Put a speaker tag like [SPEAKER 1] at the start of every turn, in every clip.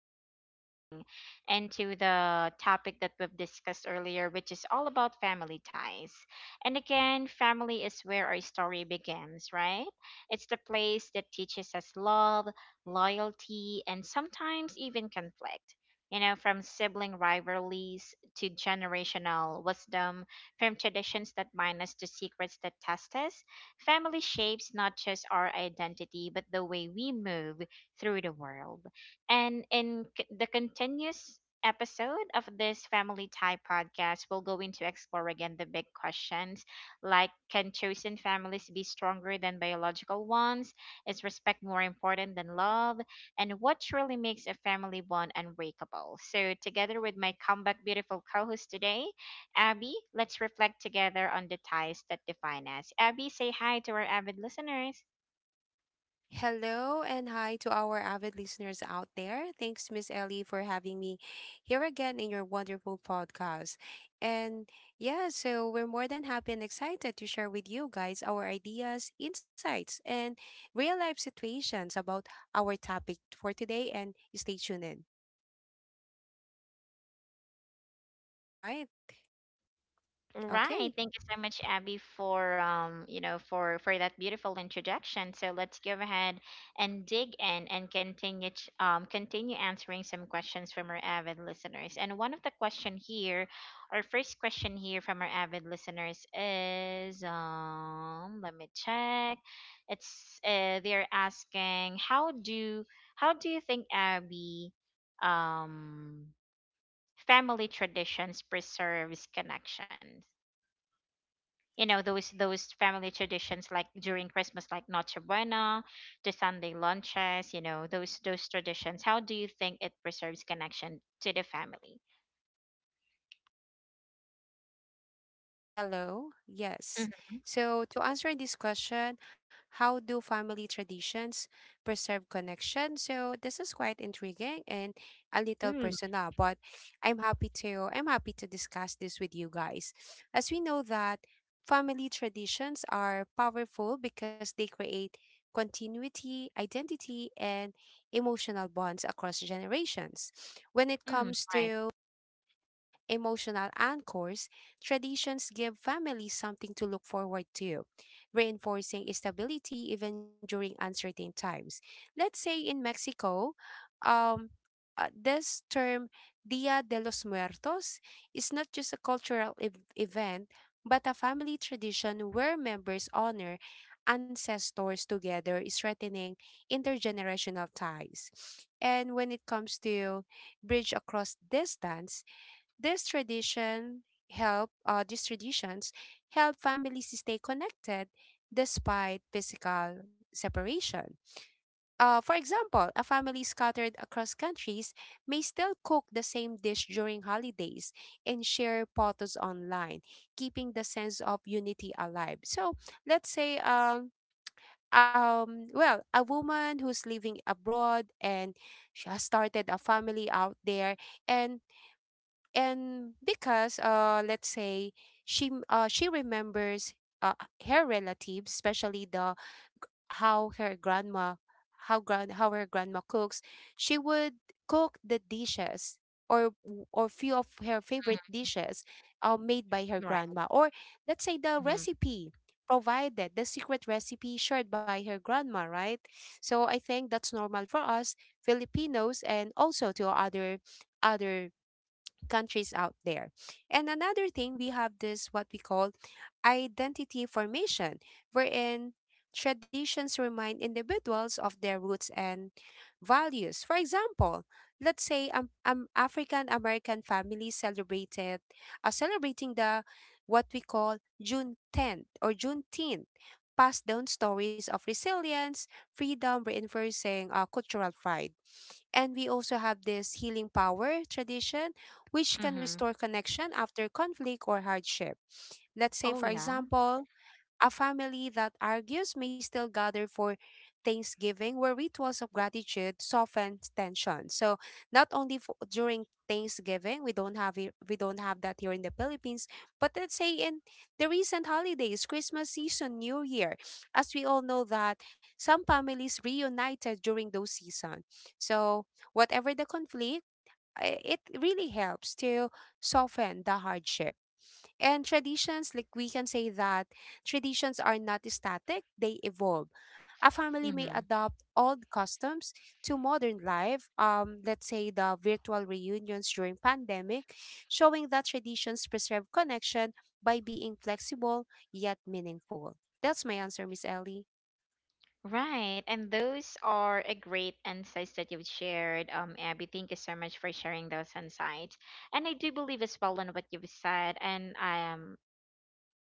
[SPEAKER 1] continue diving into the topic that we've discussed earlier, which is all about family ties. And again, family is where our story begins, right? It's the place that teaches us love, loyalty, and sometimes even conflict. You know, from sibling rivalries to generational wisdom, from traditions that bind us to secrets that test us. Family shapes not just our identity, but the way we move through the world. And in the continuous episode of this Family Tie podcast, we'll go into explore again the big questions, like can chosen families be stronger than biological ones? Is respect more important than love? And what truly makes a family bond unbreakable? So, together with my comeback beautiful co host today, Abby, let's reflect together on the ties that define us. Abby, say hi to our avid listeners.
[SPEAKER 2] Hello and hi to our avid listeners out there. Thanks, Miss Ellie, for having me here again in your wonderful podcast. And yeah, so we're more than happy and excited to share with you guys our ideas, insights, and real life situations about our topic for today. And stay tuned in. All right.
[SPEAKER 1] Right.
[SPEAKER 2] Okay.
[SPEAKER 1] Thank you so much, Abby, for for that beautiful introduction. So let's go ahead and dig in and continue continue answering some questions from our avid listeners. And one of the question here, our first question here from our avid listeners is let me check. It's they're asking how do you think Abby um family traditions preserves connections? You know those family traditions, like during Christmas, like noche buena, the Sunday lunches. You know those traditions, how do you think it preserves connection to the family?
[SPEAKER 2] Hello. Yes.
[SPEAKER 1] Hmm.
[SPEAKER 2] So, to answer this question, how do family traditions preserve connection? So, this is quite intriguing and a little
[SPEAKER 1] Mm
[SPEAKER 2] personal, but I'm happy to discuss this with you guys. As we know that family traditions are powerful because they create continuity, identity, and emotional bonds across generations. When it
[SPEAKER 1] hmm.
[SPEAKER 2] comes
[SPEAKER 1] Right.
[SPEAKER 2] to emotional anchors, traditions give families something to look forward to, reinforcing stability even during uncertain times. Let's say in Mexico, um, this term Dia de los Muertos is not just a cultural event, but a family tradition where members honor ancestors together, strengthening intergenerational ties. And when it comes to bridge across distance, this tradition help these traditions help families stay connected despite physical separation. For example, a family scattered across countries may still cook the same dish during holidays and share photos online, keeping the sense of unity alive. So let's say well, a woman who's living abroad and she has started a family out there and and because, let's say she remembers uh her relatives, especially the how her grandma, how her grandma cooks, she would cook the dishes, or or few of her favorite dishes made by
[SPEAKER 1] Mm,
[SPEAKER 2] her
[SPEAKER 1] right.
[SPEAKER 2] grandma, or let's say the
[SPEAKER 1] Mm.
[SPEAKER 2] recipe, provided the secret recipe shared by her grandma, right? So I think that's normal for us Filipinos and also to other countries out there. And another thing, we have this what we call identity formation, wherein traditions remind individuals of their roots and values. For example, let's say African American families celebrated are celebrating the what we call Juneteenth, or Juneteenth, passed down stories of resilience, freedom, reinforcing cultural pride. And we also have this healing power tradition, which can
[SPEAKER 1] Mm.
[SPEAKER 2] restore connection after conflict or hardship. Let's say,
[SPEAKER 1] Oh,
[SPEAKER 2] for
[SPEAKER 1] yeah.
[SPEAKER 2] example, a family that argues may still gather for Thanksgiving, where rituals of gratitude soften tension. So not only during Thanksgiving, we don't have that here in the Philippines, but let's say in the recent holidays, Christmas season, New Year, as we all know that some families reunited during those season. So whatever the conflict, it really helps to soften the hardship. And traditions, like we can say that traditions are not static, they evolve. A family
[SPEAKER 1] Mm
[SPEAKER 2] may
[SPEAKER 1] hmm.
[SPEAKER 2] adopt old customs to modern life. Let's say the virtual reunions during pandemic, showing that traditions preserve connection by being flexible yet meaningful. That's my answer, Miss Ellie.
[SPEAKER 1] Right. And those are a great insights that you've shared, Abby. Thank you so much for sharing those insights. And I do believe as well in what you've said. and i am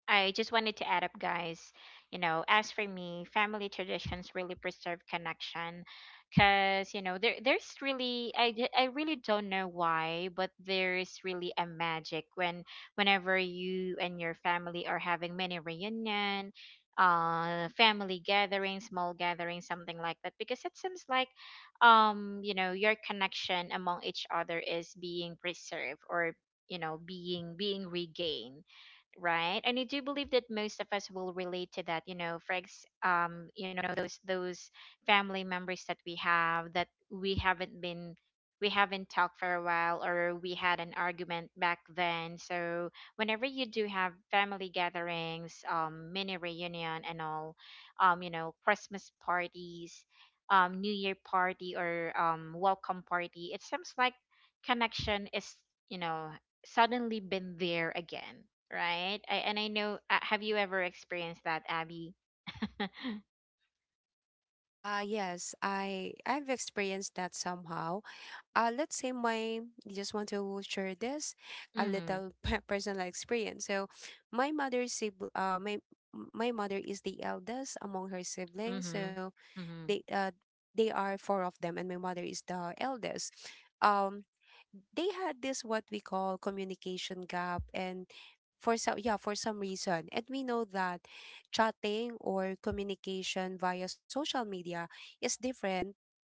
[SPEAKER 1] I just wanted to add up, guys. You know, as for me, family traditions really preserve connection, because you know there's really I really don't know why, but there is really a magic whenever you and your family are having mini reunion, family gathering, small gathering, something like that, because it seems like, your connection among each other is being preserved, or being regained. Right. And I do believe that most of us will relate to that. You know, those family members that we have, that we haven't talked for a while, or we had an argument back then. So whenever you do have family gatherings, mini reunion and all, Christmas parties, new year party, or welcome party, it seems like connection is, you know suddenly been there again. Right? And I know. Have you ever experienced that, Abby?
[SPEAKER 2] Ah, yes, I've experienced that somehow. Let's say my just want to share this a
[SPEAKER 1] Mhm.
[SPEAKER 2] little personal experience. So my mother's sibling, uh, my my mother is the eldest among her siblings.
[SPEAKER 1] Mhm.
[SPEAKER 2] So
[SPEAKER 1] Mhm.
[SPEAKER 2] they uh they are four of them, and my mother is the eldest. Um, they had this what we call communication gap, and for some reason. And we know that chatting or communication via social media is different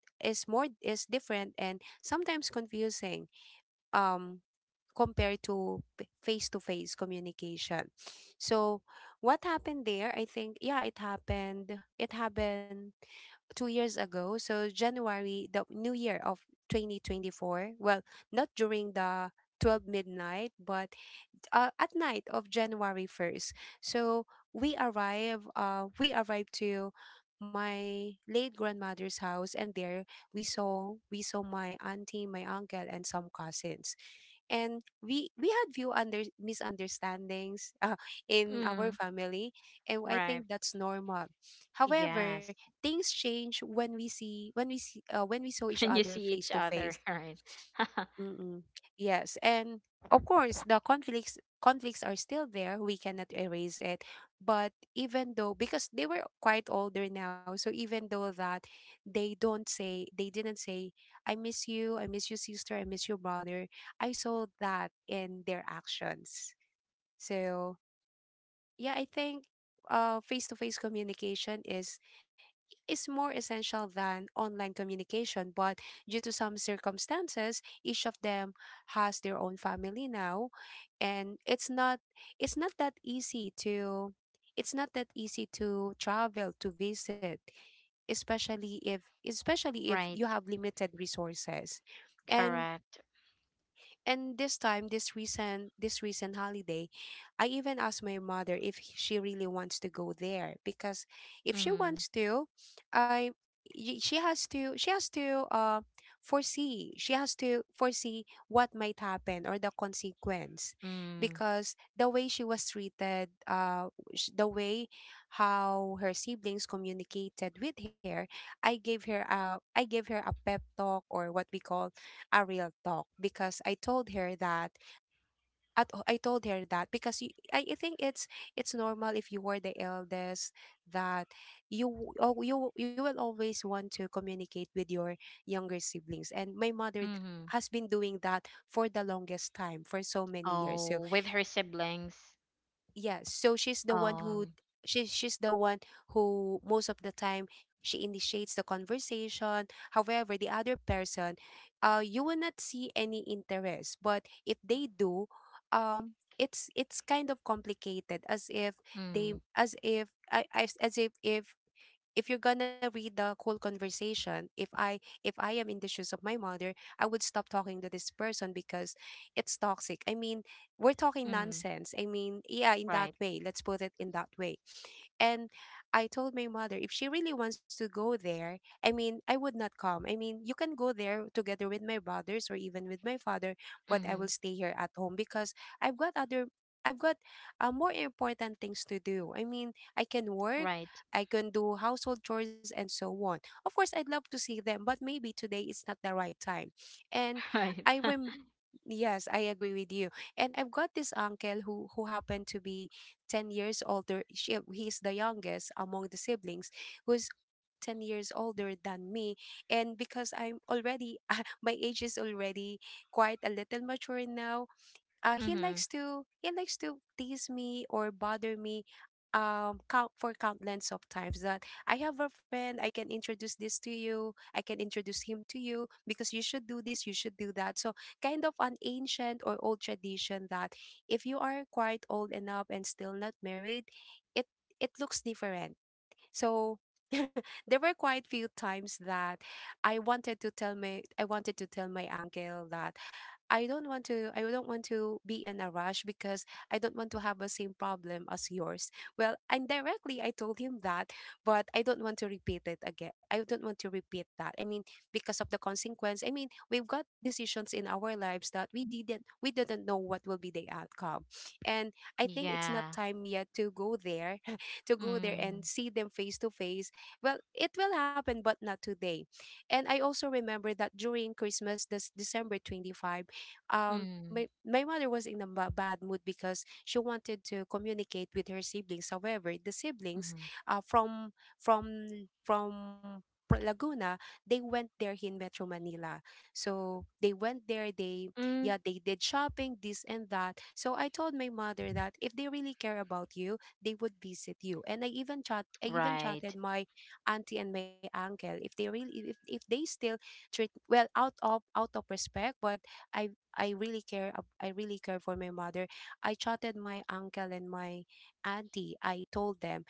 [SPEAKER 2] is more is different and sometimes confusing, um compared to face communication. So what happened there? I think yeah, it happened. It happened 2 years ago. So January, the new year of 2024. Well, not during the 12 midnight, but at night of January 1st. So we arrived to my late grandmother's house, and there we saw my auntie, my uncle and some cousins. And we had few under misunderstandings in our
[SPEAKER 1] Mm.
[SPEAKER 2] family, and I
[SPEAKER 1] Right.
[SPEAKER 2] think that's normal. However,
[SPEAKER 1] Yes.
[SPEAKER 2] things change when we saw each
[SPEAKER 1] When you
[SPEAKER 2] other
[SPEAKER 1] see
[SPEAKER 2] face
[SPEAKER 1] each
[SPEAKER 2] to
[SPEAKER 1] other,
[SPEAKER 2] face.
[SPEAKER 1] right?
[SPEAKER 2] Mm-mm. Yes, and of course the conflicts conflicts are still there. We cannot erase it. But even though because they were quite older now, so even though that they didn't say I miss you sister, I miss you brother, I saw that in their actions. So, yeah, I think face-to-face communication is more essential than online communication, but due to some circumstances, each of them has their own family now, and it's not that easy to travel to visit, especially if especially if
[SPEAKER 1] Right.
[SPEAKER 2] you have limited resources. And
[SPEAKER 1] Correct.
[SPEAKER 2] and this time, this recent holiday, I even asked my mother if she really wants to go there, because if she
[SPEAKER 1] Mhm.
[SPEAKER 2] wants to, I she has to foresee she has to foresee what might happen, or the consequence,
[SPEAKER 1] Mm.
[SPEAKER 2] because the way she was treated, sh- the way how her siblings communicated with her, I gave her a pep talk, or what we call a real talk, because I told her that at, I told her that because you, I think it's normal, if you were the eldest, that you w- oh, you will always want to communicate with your younger siblings, and my mother
[SPEAKER 1] Mhm.
[SPEAKER 2] has been doing that for the longest time, for so many years. So
[SPEAKER 1] Oh, with her siblings.
[SPEAKER 2] yeah, so
[SPEAKER 1] Oh.
[SPEAKER 2] she's the one who most of the time she initiates the conversation, however the other person, you will not see any interest, but if they do, it's kind of complicated, as if they
[SPEAKER 1] Mm.
[SPEAKER 2] as if I, I as if if you're gonna read the whole conversation, if I am in the shoes of my mother, I would stop talking to this person because it's toxic. I mean, we're talking
[SPEAKER 1] Mm.
[SPEAKER 2] nonsense. I mean, yeah, in that
[SPEAKER 1] Right.
[SPEAKER 2] way, let's put it in that way. And I told my mother if she really wants to go there, I mean I would not come, I mean you can go there together with my brothers or even with my father, but I will
[SPEAKER 1] Mhm.
[SPEAKER 2] stay here at home because i've got other I've got more important things to do. I mean, I can work.
[SPEAKER 1] Right.
[SPEAKER 2] I can do household chores and so on. Of course, I'd love to see them, but maybe today is not the right time. And
[SPEAKER 1] Right.
[SPEAKER 2] I rem yes, I agree with you. And I've got this uncle who happened to be 10 years older. He's the youngest among the siblings who's 10 years older than me, and because I'm already my age is already quite a little mature now,
[SPEAKER 1] mhm.
[SPEAKER 2] he likes to tease me or bother me, count for countless of times that I have a friend I can introduce this to you, I can introduce him to you, because you should do this, you should do that. So kind of an ancient or old tradition that if you are quite old enough and still not married, it it looks different. So there were quite few times that I wanted to tell my uncle that I don't want to be in a rush, because I don't want to have the same problem as yours. Well, indirectly I told him that, but I don't want to repeat it again. I don't want to repeat that. I mean, because of the consequence. I mean, we've got decisions in our lives that we didn't know what will be the outcome. And I think it's not
[SPEAKER 1] Yeah.
[SPEAKER 2] time yet to go there, to go there
[SPEAKER 1] Mm.
[SPEAKER 2] and see them face to face. Well, it will happen but not today. And I also remember that during Christmas, this December 25,
[SPEAKER 1] Mm.
[SPEAKER 2] my mother was in a bad mood because she wanted to communicate with her siblings, however the siblings
[SPEAKER 1] Mhm.
[SPEAKER 2] uh, from from from Laguna, they went there in Metro Manila. So they went there they
[SPEAKER 1] Mm.
[SPEAKER 2] yeah, they did shopping this and that. So I told my mother that if they really care about you, they would visit you. And I even
[SPEAKER 1] Right.
[SPEAKER 2] chatted my auntie and my uncle, if they really, if they still treat well, out of respect. But I I really care. I really care for my mother. I chatted my uncle and my auntie. I told them,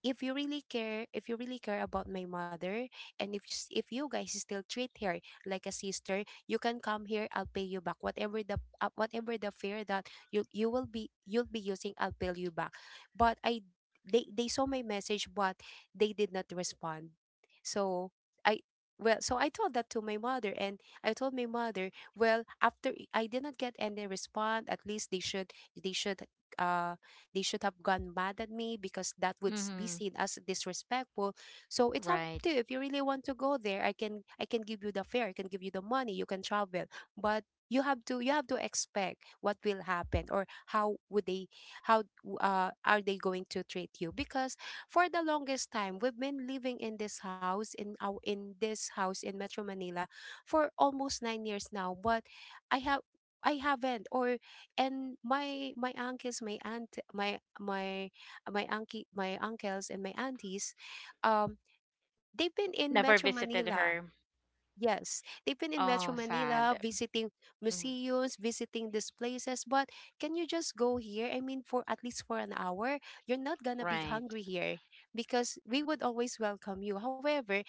[SPEAKER 2] if you really care if you really care about my mother and if you guys still treat her like a sister, you can come here. I'll pay you back whatever the fare that you will be you'll be using I'll pay you back, but I they saw my message, but they did not respond. So i well so I told that to my mother, and I told my mother, well, after I did not get any response, at least they should uh have gone mad at me because that would be
[SPEAKER 1] Mhm.
[SPEAKER 2] seen as disrespectful. So it's up to you.
[SPEAKER 1] Right.
[SPEAKER 2] If you really want to go there, I can give you the fare, I can give you the money, you can travel. But you have to expect what will happen, or how would they, how are they going to treat you? Because for the longest time we've been living in this house in our in this house in Metro Manila for almost 9 years now. But i have I haven't or and my my uncle, my uncles, and my aunties, um they've been in Metro
[SPEAKER 1] Never visited
[SPEAKER 2] Manila.
[SPEAKER 1] her.
[SPEAKER 2] Yes, they've been in Metro
[SPEAKER 1] Oh,
[SPEAKER 2] Manila
[SPEAKER 1] sad.
[SPEAKER 2] visiting
[SPEAKER 1] Mhm.
[SPEAKER 2] museums, visiting these places, but can you just go here? I mean, for at least for an hour, you're not gonna be
[SPEAKER 1] Right.
[SPEAKER 2] hungry here because we would always welcome you. However,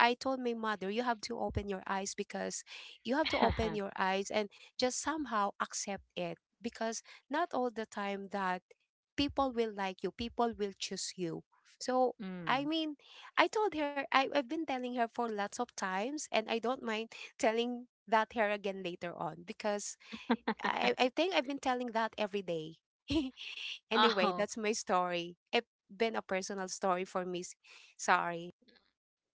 [SPEAKER 2] I told my mother, you have to open your eyes because you have to open your eyes and just somehow accept it because not all the time that people will like you, people will choose you. so i
[SPEAKER 1] Mm.
[SPEAKER 2] mean I told her, I've been telling her for lots of times, and I don't mind telling that her again later on because I think I've been telling that every day. Anyway,
[SPEAKER 1] Oh,
[SPEAKER 2] that's my story. It's been a personal story for me. Sorry.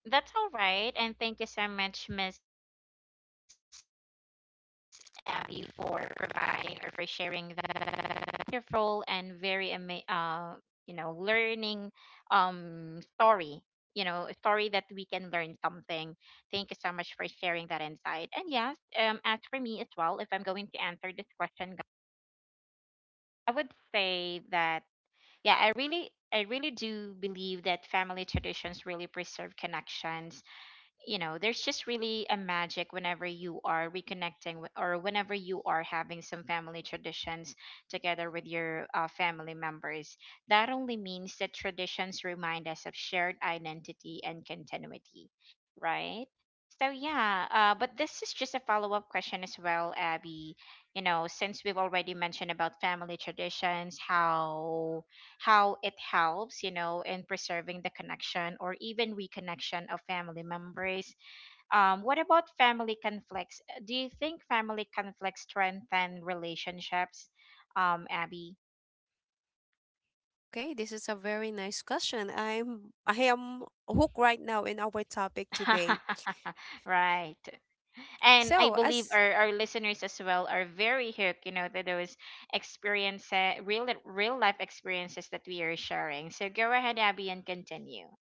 [SPEAKER 1] that's all right. And thank you so much, Miss Abby, for providing or for sharing that wonderful and very learning story. You know, a story that we can learn something. Thank you so much for sharing that insight. And yes, as for me as well, if I'm going to answer this question, I would say that yeah, I really do believe that family traditions really preserve connections. You know, there's just really a magic whenever you are reconnecting or whenever you are having some family traditions together with your family members. That only means that traditions remind us of shared identity and continuity. Right. So yeah, but this is just a follow-up question as well, Abby. You know, since we've already mentioned about family traditions, how it helps, you know, in preserving the connection or even reconnection of family members. What about family conflicts? Do you think family conflicts strengthen relationships, Abby?
[SPEAKER 2] Okay, this is a very nice question. I am hooked right now in our topic today.
[SPEAKER 1] Right. And I
[SPEAKER 2] So,
[SPEAKER 1] believe
[SPEAKER 2] as
[SPEAKER 1] our listeners as well are very hooked, you know, to those experiences, real life experiences that we are sharing. So go ahead, Abby, and continue.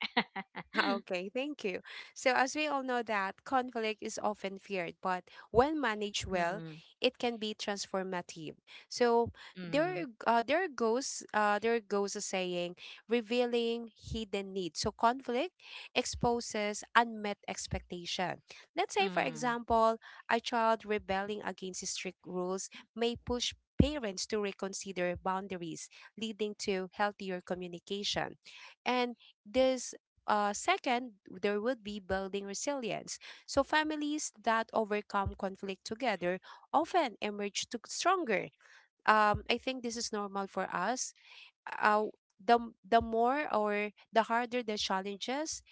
[SPEAKER 2] okay, thank you. So, as we all know that conflict is often feared, but when managed well,
[SPEAKER 1] Mm.
[SPEAKER 2] it can be transformative. So,
[SPEAKER 1] Mm.
[SPEAKER 2] there goes a saying, revealing hidden needs. So, conflict exposes unmet expectation. Let's say, for
[SPEAKER 1] Mm.
[SPEAKER 2] example, a child rebelling against strict rules may push parents to reconsider boundaries, leading to healthier communication. And this Second, there would be building resilience. So families that overcome conflict together often emerge to stronger. I think this is normal for us. uh, the the more or the harder the challenges,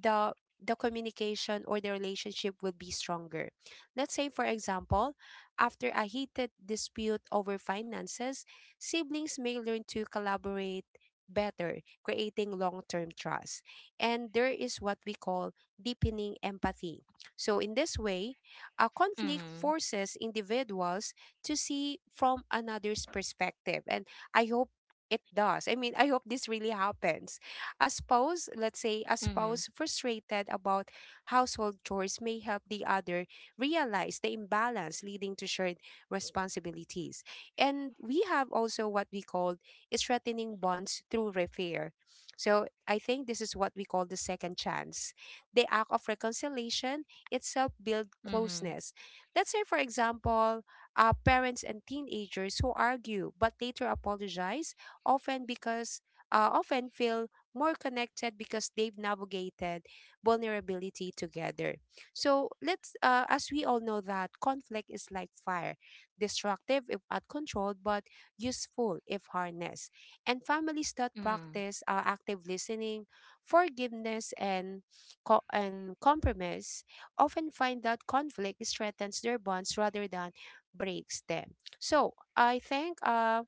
[SPEAKER 2] the the communication or the relationship will be stronger. Let's say, for example, after a heated dispute over finances, siblings may learn to collaborate better, creating long term trust. And there is what we call deepening empathy. So, in this way,
[SPEAKER 1] Mm.
[SPEAKER 2] a conflict forces individuals to see from another's perspective. And I hope it does. I mean, I hope this really happens. A spouse, let's
[SPEAKER 1] Mm.
[SPEAKER 2] say, a spouse frustrated about household chores may help the other realize the imbalance, leading to shared responsibilities. And we have also what we call strengthening bonds through repair. So I think this is what we call the second chance. The act of reconciliation itself builds
[SPEAKER 1] Mm.
[SPEAKER 2] closeness. Let's say, for example, parents and teenagers who argue but later apologize often because often feel more connected because they've navigated vulnerability together. So as we all know that conflict is like fire, destructive if uncontrolled, but useful if harnessed. And families that
[SPEAKER 1] Mm.
[SPEAKER 2] practice active listening, forgiveness, and and compromise often find that conflict strengthens their bonds rather than breaks them. So I think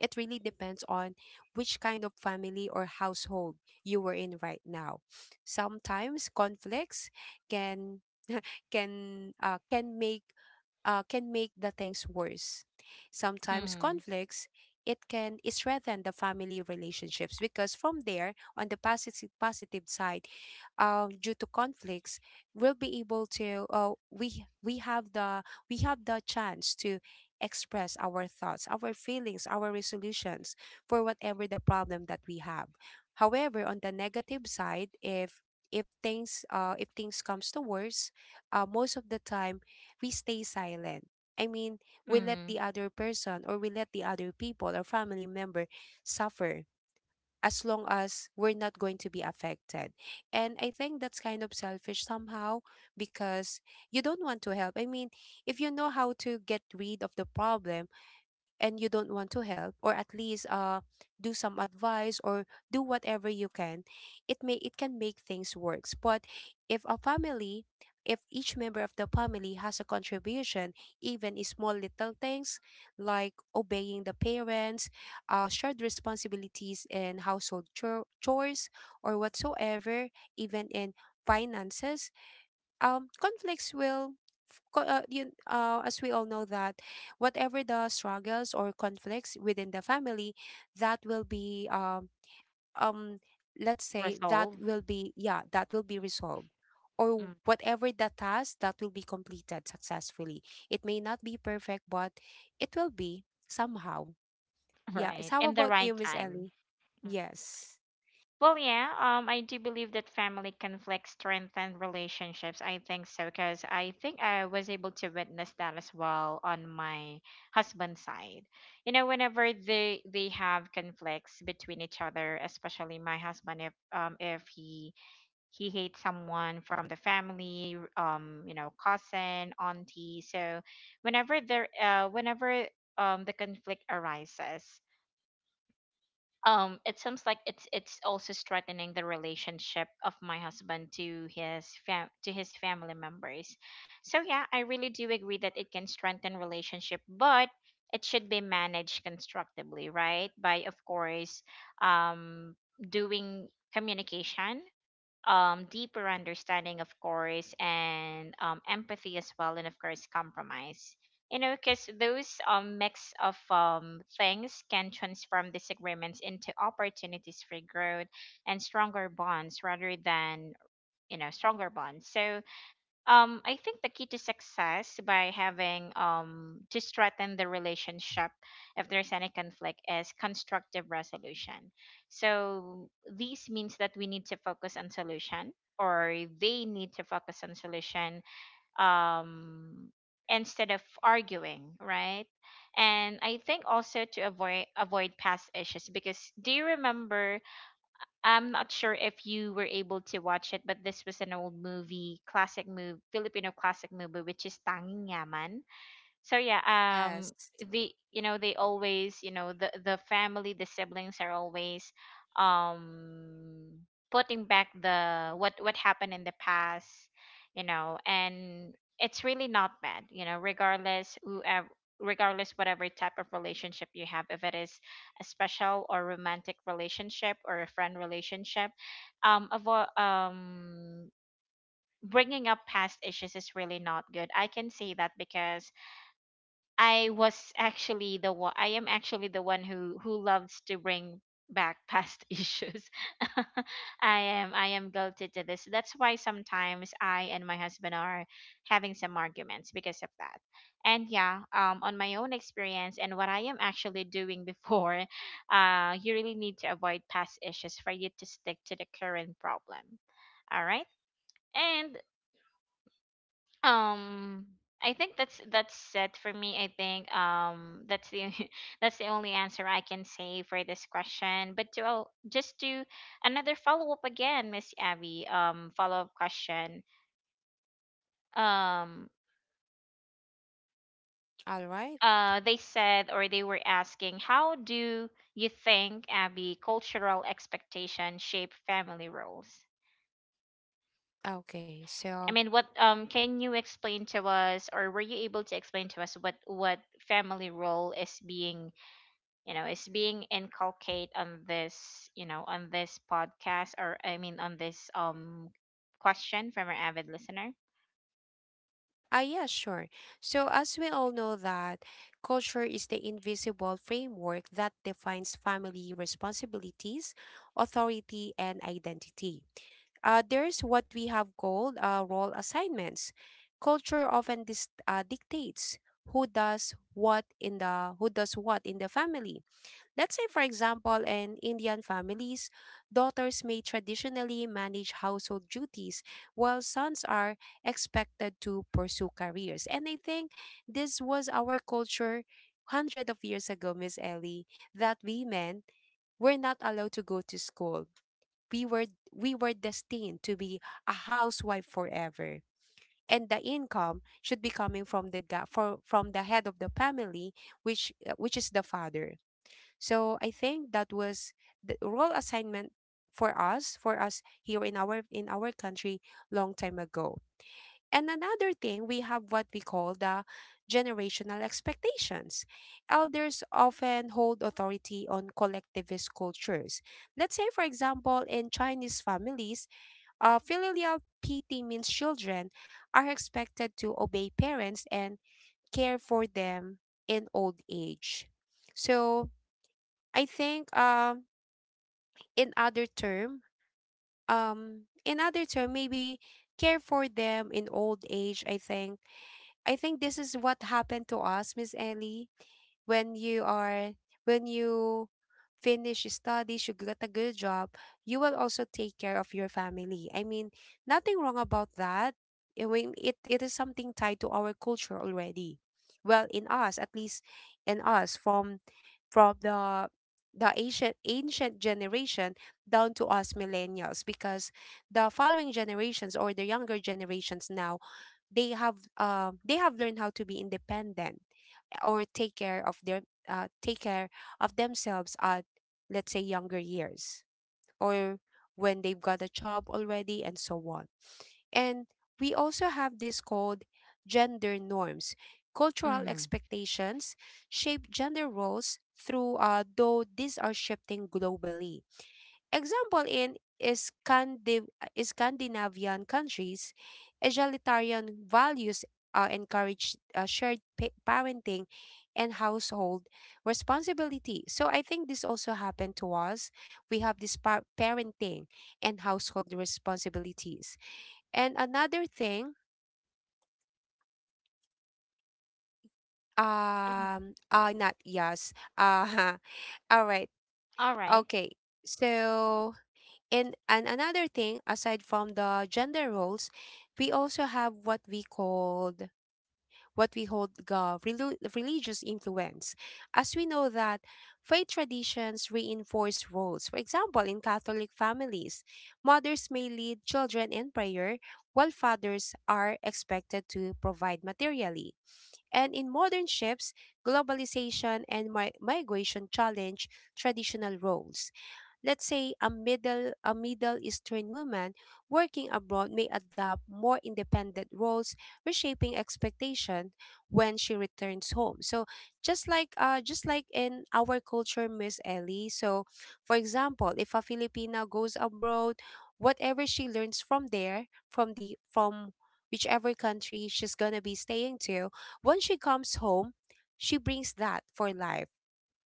[SPEAKER 2] it really depends on which kind of family or household you were in right now. Sometimes conflicts can can can make the things worse. Sometimes
[SPEAKER 1] Mm.
[SPEAKER 2] conflicts, it can strengthen the family relationships because from there on the positive side, due to conflicts, we'll be able to, we have the chance to express our thoughts, our feelings, our resolutions for whatever the problem that we have. However, on the negative side, if things comes to worse, uh, most of the time we stay silent. I mean, we let
[SPEAKER 1] Mm.
[SPEAKER 2] the other person, or we let the other people or family member suffer as long as we're not going to be affected. And I think that's kind of selfish somehow because you don't want to help. I mean, if you know how to get rid of the problem, and you don't want to help or at least do some advice or do whatever you can, it may, it can make things works. But if a family, if each member of the family has a contribution, even in small little things like obeying the parents, shared responsibilities in chores or whatsoever, even in finances, um, conflicts will as we all know that whatever the struggles or conflicts within the family, that will be um let's say that
[SPEAKER 1] Resolve.
[SPEAKER 2] will be, yeah, that will be resolved, or
[SPEAKER 1] Mm,
[SPEAKER 2] whatever the task that will be completed successfully, it may not be perfect, but it will be somehow. Yeah. It's,
[SPEAKER 1] right.
[SPEAKER 2] how
[SPEAKER 1] In the
[SPEAKER 2] about you,
[SPEAKER 1] right
[SPEAKER 2] Miss
[SPEAKER 1] time.
[SPEAKER 2] Ellie?
[SPEAKER 1] Mm.
[SPEAKER 2] Yes.
[SPEAKER 1] Well, yeah, I do believe that family conflict strengthen relationships. I think so because I think I was able to witness that as well on my husband's side. You know, whenever they have conflicts between each other, especially my husband, if he hates someone from the family, cousin, auntie. So whenever the conflict arises, it seems like it's also strengthening the relationship of my husband to his family members. So yeah, I really do agree that it can strengthen relationship, but it should be managed constructively, right? By of course, um, doing communication, deeper understanding, of course, and empathy as well, and of course, compromise. You know, because those mix of things can transform disagreements into opportunities for growth and stronger bonds rather than, stronger bonds. So, I think the key to success by having to strengthen the relationship if there's any conflict is constructive resolution. So this means that we need to focus on solution, or they need to focus on solution, um instead of arguing, right? And I think also to avoid past issues. Because do you remember, I'm not sure if you were able to watch it, but this was an old movie, classic movie, Filipino classic movie, which is Tanging Yaman. So yeah, um
[SPEAKER 2] Yes.
[SPEAKER 1] they always, the siblings are always um putting back the what happened in the past. And it's really not bad. Regardless whatever type of relationship you have, if it is a special or romantic relationship or a friend relationship, um avo- um bringing up past issues is really not good. I can say that because I was actually the one. I am actually the one who loves to bring back past issues. I am guilty to this. That's why sometimes I and my husband are having some arguments because of that. And yeah, on my own experience and what I am actually doing before, you really need to avoid past issues for you to stick to the current problem. All right. And um, I think that's it for me. I think that's the only answer I can say for this question. But to oh, just to another follow up again, Miss Abby. Follow up question. Um,
[SPEAKER 2] All right.
[SPEAKER 1] they said, or they were asking, how do you think, Abby, cultural expectation shape family roles?
[SPEAKER 2] Okay.
[SPEAKER 1] I
[SPEAKER 2] So
[SPEAKER 1] mean, what can you explain to us, or were you able to explain to us, what family role is being, you know, is being inculcated on this, podcast, or I mean on this question from our avid listener?
[SPEAKER 2] ah, yeah, sure. So, as we all know that culture is the invisible framework that defines family responsibilities, authority, and identity. There's what we have called role assignments. Culture often dictates who does what in the family. Let's say, for example, in Indian families, daughters may traditionally manage household duties while sons are expected to pursue careers. And I think this was our culture hundreds of years ago, Miss Ellie, that we men were not allowed to go to school. we were we were destined to be a housewife forever, and the income should be coming from the from the head of the family, which, which is the father. So I think that was the role assignment for us here in our country long time ago. And another thing, we have what we call the generational expectations. Elders often hold authority on collectivist cultures. Let's say, for example, in Chinese families, filial piety means children are expected to obey parents and care for them in old age. So I think, um, in other term, um, in other term, maybe care for them in old age. I think this is what happened to us, Miss Ellie. When you are, when you finish your studies, you get a good job, you will also take care of your family. I mean, nothing wrong about that. I mean, it is something tied to our culture already. Well, in us, at least, in us from from the the ancient generation down to us millennials, because the following generations or the younger generations now, they have, they have learned how to be independent or take care of their, take care of themselves at, let's say, younger years, or when they've got a job already, and so on. And we also have this called gender norms. Cultural
[SPEAKER 1] Mm-hmm.
[SPEAKER 2] expectations shape gender roles, through though these are shifting globally. Example, in Scandinavian countries, egalitarian values encourage shared parenting and household responsibility. So I think this also happened to us. We have this parenting and household responsibilities. And another thing,
[SPEAKER 1] Mhm.
[SPEAKER 2] not yes, all right,
[SPEAKER 1] All right.
[SPEAKER 2] okay. So and another thing, aside from the gender roles, we also have what we called, what we hold, the religious influence. As we know that faith traditions reinforce roles. For example, in Catholic families, mothers may lead children in prayer, while fathers are expected to provide materially. And in modern shifts, globalization and migration challenge traditional roles. Let's say a Middle Eastern woman working abroad may adopt more independent roles, reshaping expectation when she returns home. So just like, in our culture, Miss Ellie. So for example, if a Filipina goes abroad, whatever she learns from there, from whichever country she's gonna be staying to, when she comes home, she brings that for life.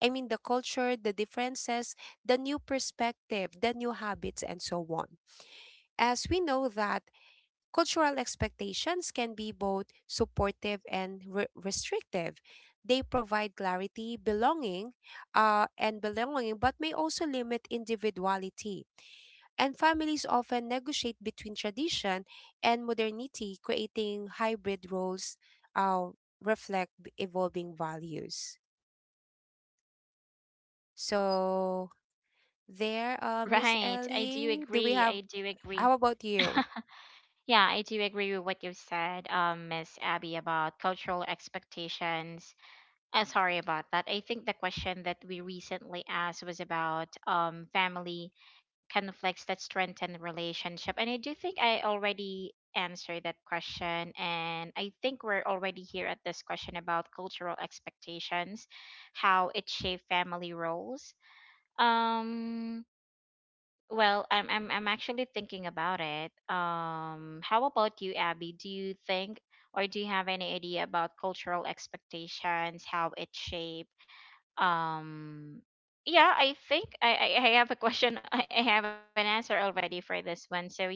[SPEAKER 2] I mean, the culture, the differences, the new perspective, the new habits, and so on. As we know that cultural expectations can be both supportive and restrictive. They provide clarity, belonging, and belonging, but may also limit individuality. And families often negotiate between tradition and modernity, creating hybrid roles uh, reflect evolving values. So, there, Miss
[SPEAKER 1] Right. i do
[SPEAKER 2] Ellie. Do we
[SPEAKER 1] agree
[SPEAKER 2] have,
[SPEAKER 1] i do agree
[SPEAKER 2] how about you?
[SPEAKER 1] Yeah, I do agree with what you said, Miss Abby, about cultural expectations. Sorry about that. I think the question that we recently asked was about family conflicts that strengthen relationship, and I do think I already answered that question. And I think we're already here at this question about cultural expectations, how it shaped family roles. um well, I'm actually thinking about it. How about you, Abby? Do you think, or do you have any idea about cultural expectations, how it shaped? um yeah, I have a question. I have an answer already for this one. So yeah,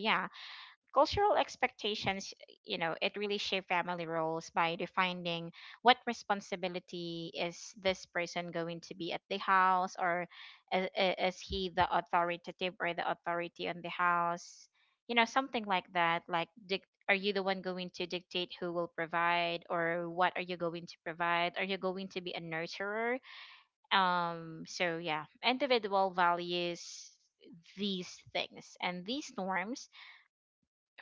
[SPEAKER 1] cultural expectations, you know, it really shape family roles by defining what responsibility is this person going to be at the house, or is, is he the authoritative or the authority on the house. You know, something like that, like are you the one going to dictate who will provide, or what are you going to provide, are you going to be a nurturer? So yeah, individual values, these things, and these norms,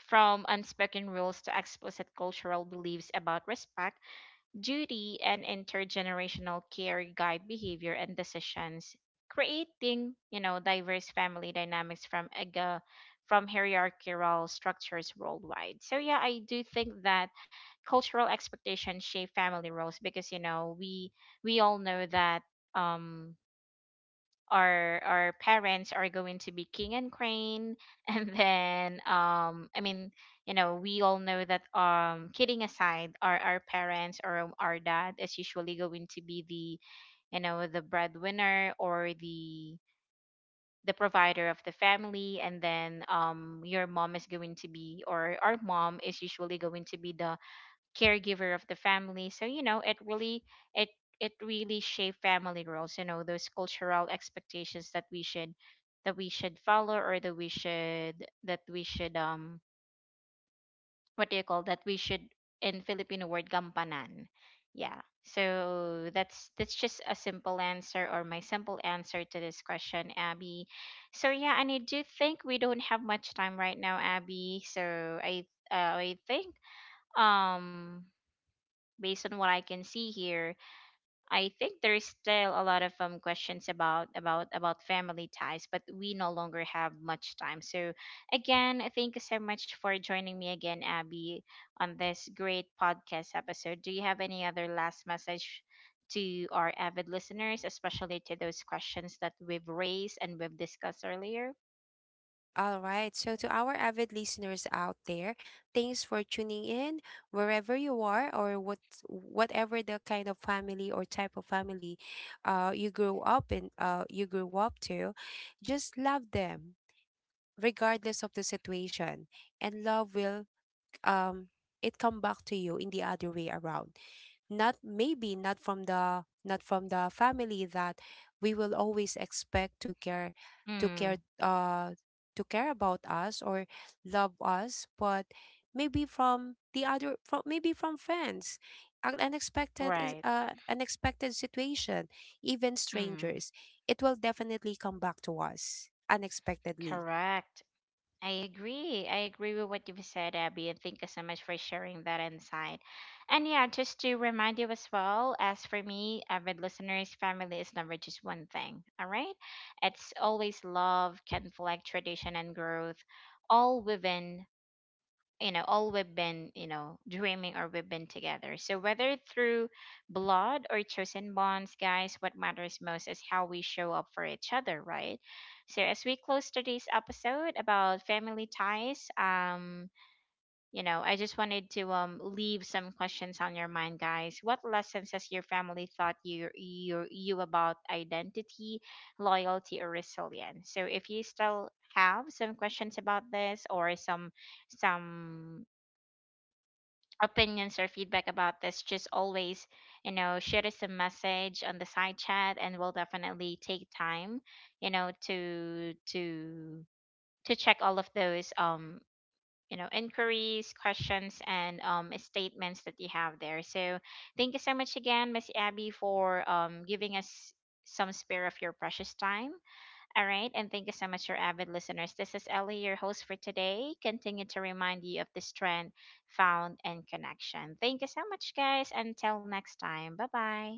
[SPEAKER 1] from unspoken rules to explicit cultural beliefs about respect, duty, and intergenerational care guide behavior and decisions, creating, you know, diverse family dynamics from hierarchical structures worldwide. So yeah, I do think that cultural expectations shape family roles because we all know that um our parents are going to be king and crane and then I mean, you know, we all know that kidding aside, our parents, or our dad is usually going to be the, you know, the breadwinner, or the provider of the family. And then your mom is going to be, or our mom is usually going to be the caregiver of the family. So it it really shape family roles, you know, those cultural expectations that we should, follow, or that we should what do you call, that we should in Filipino word, gampanan. Yeah, so that's just a simple answer, or my simple answer, to this question, Abby. So yeah, and I do think we don't have much time right now, Abby, so I think um based on what I can see here, I think there is still a lot of questions about family ties, but we no longer have much time. So again, thank you so much for joining me again, Abby, on this great podcast episode. Do you have any other last message to our avid listeners, especially to those questions that we've raised and we've discussed earlier?
[SPEAKER 2] All right. So, to our avid listeners out there, thanks for tuning in wherever you are, whatever the kind of family or type of family you grew up to. Just love them regardless of the situation, and love will, like, um, it come back to you in the other way around. Not from the, not from the family that we will always expect to care, to care,
[SPEAKER 1] Mm,
[SPEAKER 2] to care about us or love us, but maybe from the other, from maybe from friends. An unexpected is,
[SPEAKER 1] right.
[SPEAKER 2] uh, unexpected situation, even
[SPEAKER 1] Mm,
[SPEAKER 2] strangers, it will definitely come back to us unexpectedly.
[SPEAKER 1] correct. I agree. I agree with what you've said, Abby, and thank you so much for sharing that insight. And yeah, just to remind you as well, as for me, avid listeners, family is never just one thing, all right? It's always love, conflict, tradition, and growth, all within, all we've been, dreaming, or we've been together. So whether through blood or chosen bonds, guys, what matters most is how we show up for each other, right? So as we close today's episode about family ties, I just wanted to leave some questions on your mind, guys. What lessons has your family taught you about identity, loyalty, or resilience? So if you still have some questions about this, or some opinions or feedback about this, just always, shoot us a message on the side chat, and we'll definitely take time, you know, to to to check all of those inquiries, questions, and statements that you have there. So thank you so much again, Miss Abby, for giving us some spare of your precious time. All right, and thank you so much, your avid listeners. This is Ellie, your host for today. Continue to remind you of the strength found in connection. Thank you so much, guys. Until next time, bye bye.